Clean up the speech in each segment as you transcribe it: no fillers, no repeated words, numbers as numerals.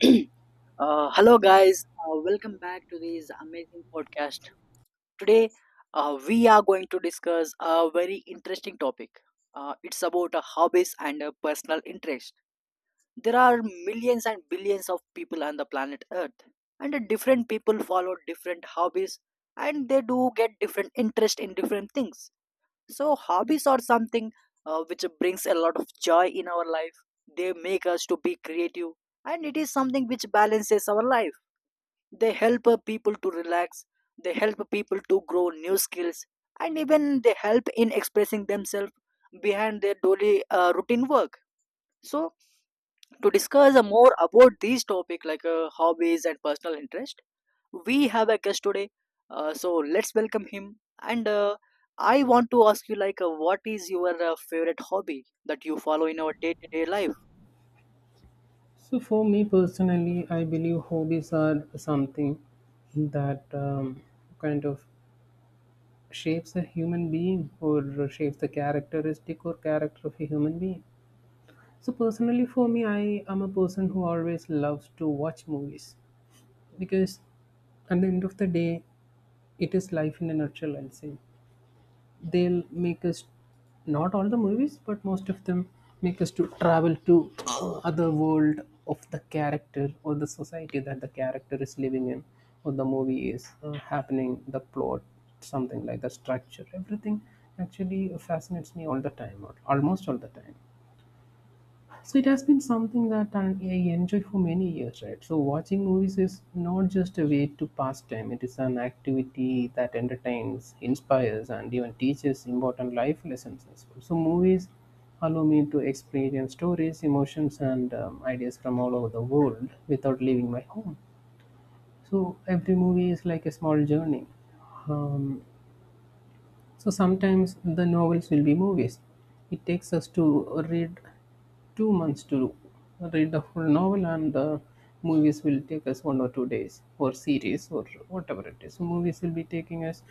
Hello, guys. Welcome back to this amazing podcast. Today, we are going to discuss a very interesting topic. It's about hobbies and personal interest. There are millions and billions of people on the planet Earth, and different people follow different hobbies, and they do get different interest in different things. So hobbies are something which brings a lot of joy in our life. They make us to be creative, and it is something which balances our life. They help people to relax. They help people to grow new skills, and even they help in expressing themselves behind their daily routine work. So to discuss more about these topic like hobbies and personal interest we have a guest today, so let's welcome him and I want to ask you like what is your favorite hobby that you follow in our day-to-day life. So, for me personally, I believe hobbies are something that kind of shapes a human being or shapes the characteristic or character of a human being. So, personally, for me, I am a person who always loves to watch movies because at the end of the day, it is life in a nutshell, I'll say they'll make us, not all the movies but most of them, make us to travel to other world of the character or the society that the character is living in, or the movie is happening, the plot, something like the structure, everything actually fascinates me all the time or almost all the time. So it has been something that I enjoy for many years, right? So watching movies is not just a way to pass time; it is an activity that entertains, inspires, and even teaches important life lessons as well. So movies allow me to experience stories, emotions, and ideas from all over the world without leaving my home. So every movie is like a small journey. Um, so sometimes the novels will be movies. It takes us to read 2 months to read the full novel, and the movies will take us 1 or 2 days, or series, or whatever it is. So movies will be taking us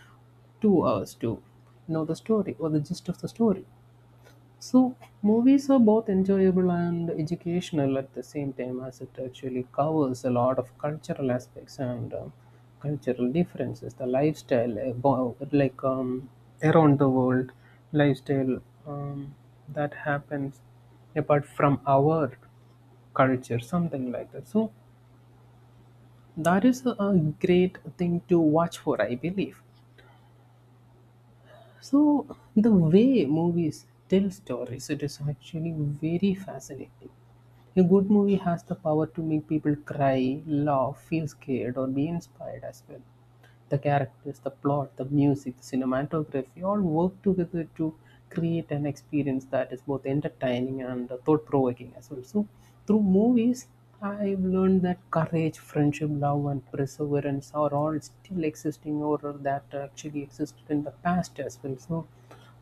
2 hours to know the story or the gist of the story. So, movies are both enjoyable and educational at the same time, as it actually covers a lot of cultural aspects and cultural differences, the lifestyle, like around the world, lifestyle that happens apart from our culture, something like that. So, that is a great thing to watch for, I believe. So the way movies tell stories, it is actually very fascinating. A good movie has the power to make people cry, laugh, feel scared, or be inspired as well. The characters, the plot, the music, the cinematography all work together to create an experience that is both entertaining and thought provoking as well. So, through movies, I've learned that courage, friendship, love, and perseverance are all still existing or that actually existed in the past as well. So,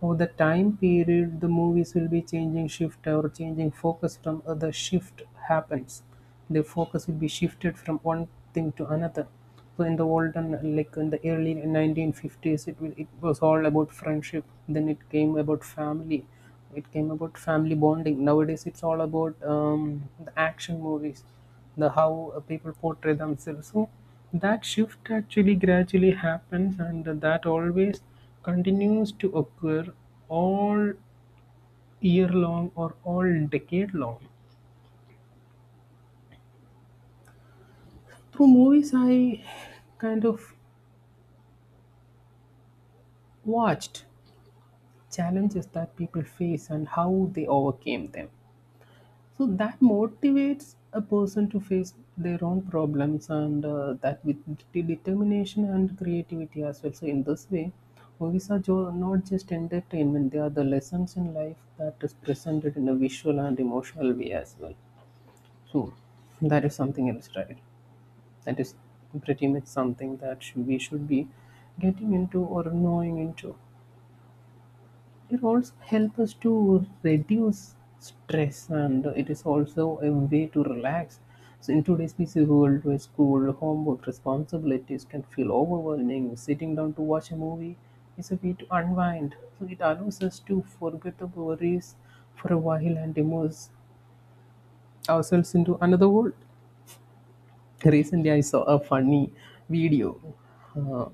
over the time period, the movies will be changing shift or changing focus from other shift happens. The focus will be shifted from one thing to another. So in the olden, like in the early 1950s, it was all about friendship. Then it came about family. It came about family bonding. Nowadays, it's all about the action movies, the how people portray themselves. So that shift actually gradually happens, and that always continues to occur all year long or all decade long. Through movies I kind of watched challenges that people face and how they overcame them. So that motivates a person to face their own problems and that with determination and creativity as well. So in this way, movies are not just entertainment; they are the lessons in life that is presented in a visual and emotional way as well. So that is something else, right? That is pretty much something that we should be getting into or knowing into. It also helps us to reduce stress and it is also a way to relax. So, in today's busy world where school, homework, responsibilities can feel overwhelming, sitting down to watch a movie is a way to unwind. So, it allows us to forget the worries for a while and immerse ourselves into another world. Recently, I saw a funny video. Um,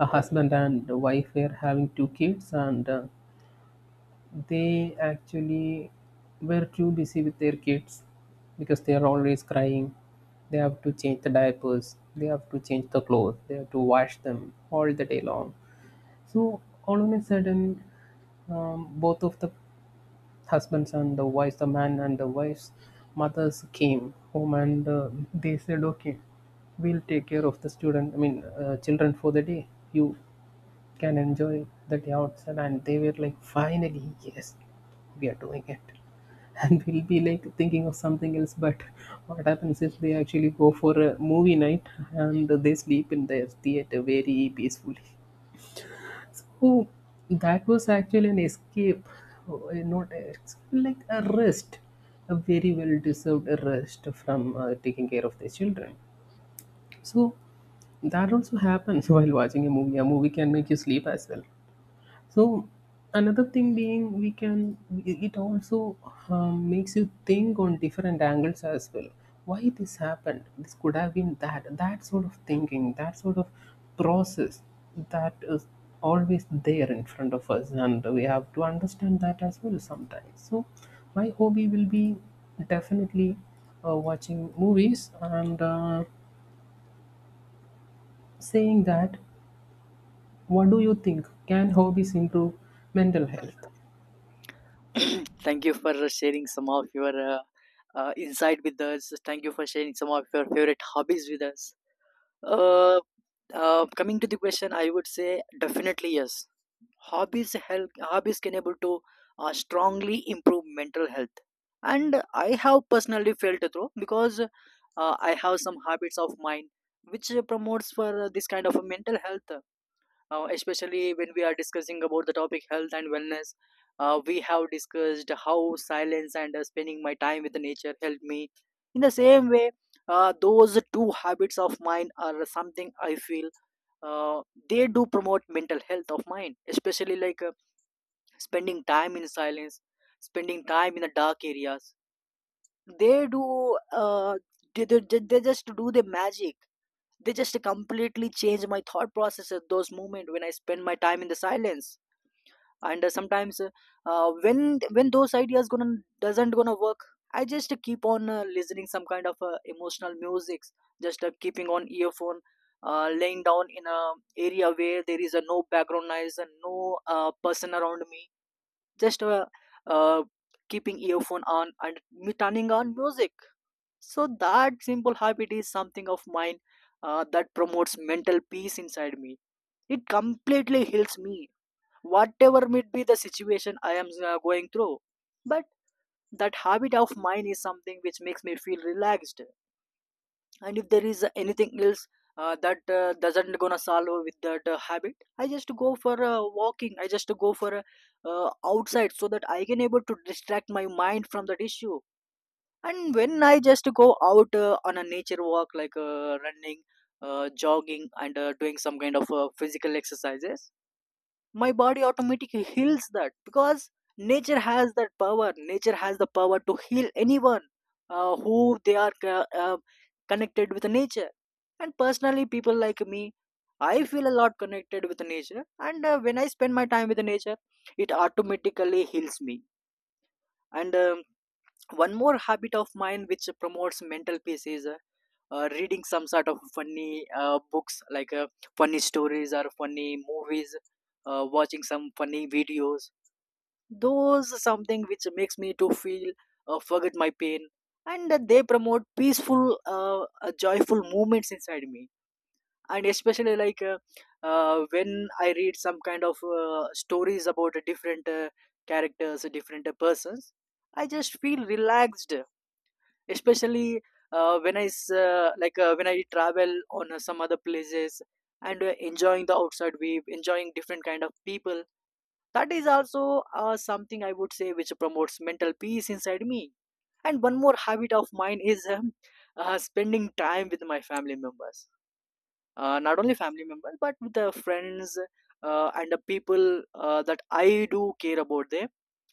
a husband and wife were having two kids and they actually were too busy with their kids because they are always crying. They have to change the diapers, they have to change the clothes, they have to wash them all the day long. So, all of a sudden, both of the husbandson, the wives, the man and the wife's mothers came home and they said, okay, we'll take care of the student, I mean, children for the day. You can enjoy the day outside. And they were like, finally, yes, we are doing it. And we'll be like thinking of something else. But what happens is they actually go for a movie night and they sleep in their theater very peacefully. So that was actually an escape, not ex- like a rest, a very well deserved rest from taking care of the children. So that also happens while watching a movie. A movie can make you sleep as well. So another thing being, we can, it also makes you think on different angles as well. Why this happened? This could have been that, that sort of thinking, that sort of process that is always there in front of us, and we have to understand that as well sometimes. So my hobby will be definitely watching movies and saying that, what do you think, can hobbies improve mental health? Thank you for sharing some of your insight with us. Thank you for sharing some of your favorite hobbies with us. uh, Coming to the question I would say definitely yes, hobbies help, hobbies can able to strongly improve mental health. And I have personally felt it though because I have some habits of mine which promotes for this kind of a mental health. Especially when we are discussing about the topic health and wellness, we have discussed how silence and spending my time with the nature helped me. In the same way, those two habits of mine are something I feel uh, they do promote mental health of mine, especially like spending time in silence, spending time in the dark areas. They do they just do the magic. They just completely change my thought process at those moments when I spend my time in the silence. And sometimes when those ideas gonna doesn't gonna work, I just keep on listening some kind of emotional music, just keeping on earphone, laying down in a area where there is a no background noise and no person around me, just uh, keeping earphone on and me turning on music. So that simple habit is something of mine that promotes mental peace inside me. It completely heals me, whatever might be the situation I am going through. But that habit of mine is something which makes me feel relaxed. And if there is anything else that doesn't gonna solve with that habit, I just go for walking, I just go for outside so that I can able to distract my mind from that issue. And when I just go out on a nature walk like running, jogging and doing some kind of physical exercises, my body automatically heals that because nature has that power, nature has the power to heal anyone who they are connected with nature. And personally people like me, I feel a lot connected with nature, and when I spend my time with nature it automatically heals me. And one more habit of mine which promotes mental peace is reading some sort of funny books like funny stories or funny movies, watching some funny videos. Those something which makes me to feel forget my pain, and they promote peaceful joyful movements inside me. And especially like when I read some kind of stories about different characters different persons, I just feel relaxed. Especially when like when I travel on some other places and enjoying the outside view, enjoying different kind of people, that is also something I would say which promotes mental peace inside me. And one more habit of mine is spending time with my family members, not only family members but with the friends, and the people that I do care about them.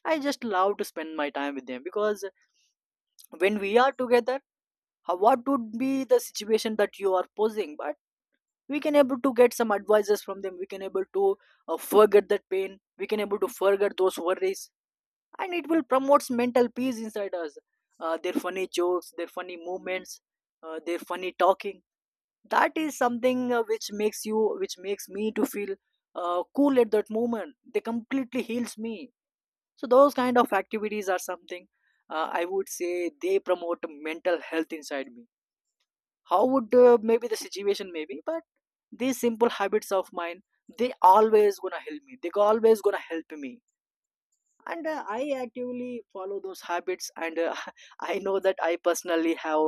I just love to spend my time with them because when we are together, how, what would be the situation that you are posing, but we can able to get some advices from them, we can able to forget that pain, we can able to forget those worries, and it will promotes mental peace inside us. Their funny jokes, their funny movements, their funny talking, that is something which makes you which makes me to feel cool at that moment, they completely heals me. So those kind of activities are something I would say they promote mental health inside me. How would maybe the situation maybe, but these simple habits of mine, they always gonna help me, they always gonna help me. And I actively follow those habits and I know that I personally have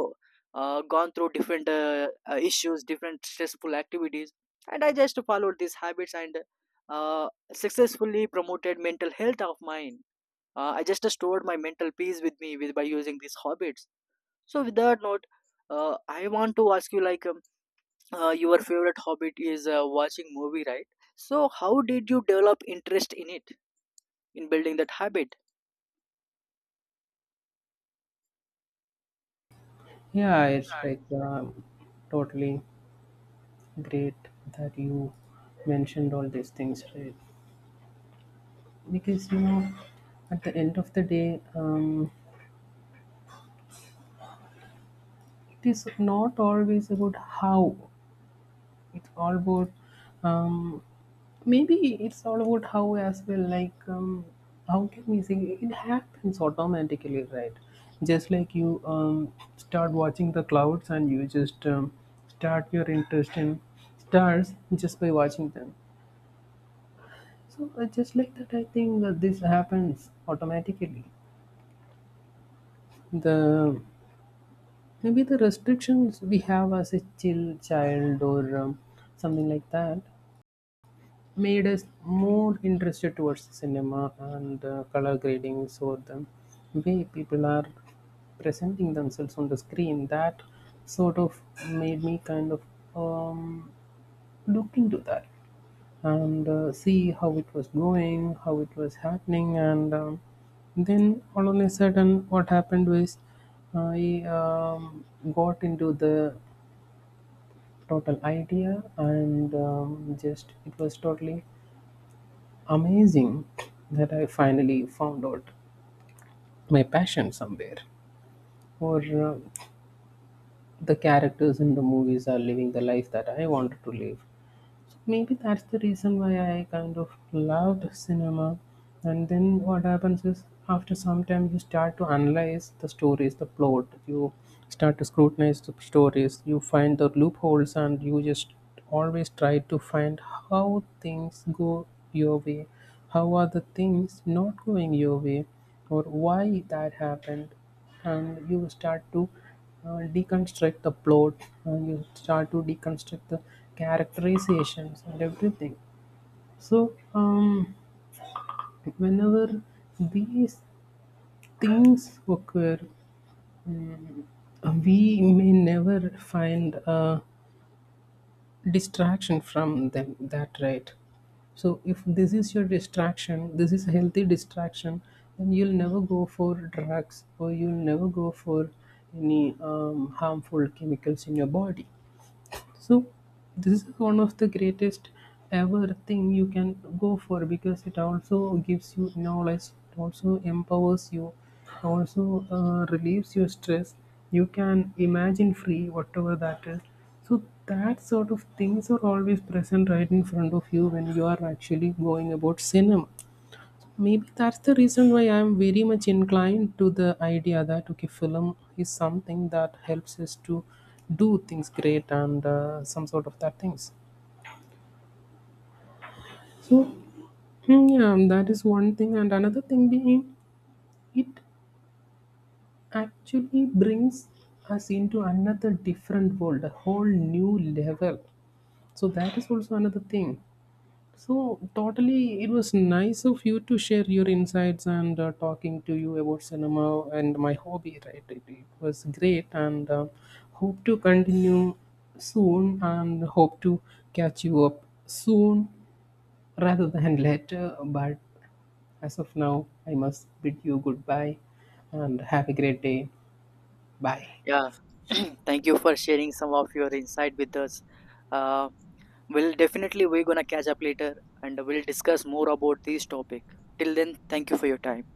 gone through different issues, different stressful activities, and I just followed these habits and uh, successfully promoted mental health of mine. I just stored my mental peace with me with by using these hobbits. So with that note, I want to ask you like your favorite hobbit is watching movie, right? So how did you develop interest in it, in building that habit? Yeah, it's like totally great that you mentioned all these things, right? Because, you know, at the end of the day, it is not always about how, it's all about um, maybe it's all about how as well, like how can we say, it happens automatically, right? Just like you start watching the clouds and you just start your interest in stars just by watching them. So just like that, I think that this happens automatically. The maybe the restrictions we have as a chill child or something like that made us more interested towards cinema and color gradings or the way people are presenting themselves on the screen. That sort of made me kind of um, look into that, and see how it was going, how it was happening, and then all of a sudden, what happened was I got into the total idea, and just it was totally amazing that I finally found out my passion somewhere, or the characters in the movies are living the life that I wanted to live. So maybe that's the reason why I kind of loved cinema. And then what happens is after some time you start to analyze the stories, the plot. You start to scrutinize the stories. You find the loopholes and you just always try to find how things go your way, how are the things not going your way, or why that happened, and you start to deconstruct the plot, and you start to deconstruct the characterizations and everything. So whenever these things occur, mm, we may never find a distraction from them, that right? So if this is your distraction, this is a healthy distraction, then you'll never go for drugs or you'll never go for any harmful chemicals in your body. So this is one of the greatest ever thing you can go for because it also gives you knowledge, it also empowers you, it also relieves your stress. You can imagine free whatever that is. So that sort of things are always present right in front of you when you are actually going about cinema. Maybe that's the reason why I'm very much inclined to the idea that okay, film is something that helps us to do things great and some sort of that things. So, hmm, yeah, that is one thing, and another thing being it actually brings us into another different world, a whole new level. So that is also another thing. So, totally, it was nice of you to share your insights and talking to you about cinema and my hobby, right? It was great and hope to continue soon and hope to catch you up soon rather than later. But as of now, I must bid you goodbye and have a great day. Bye. Yeah. Thank you for sharing some of your insight with us. uh, we'll definitely, we're gonna catch up later and we'll discuss more about this topic. Till then, thank you for your time.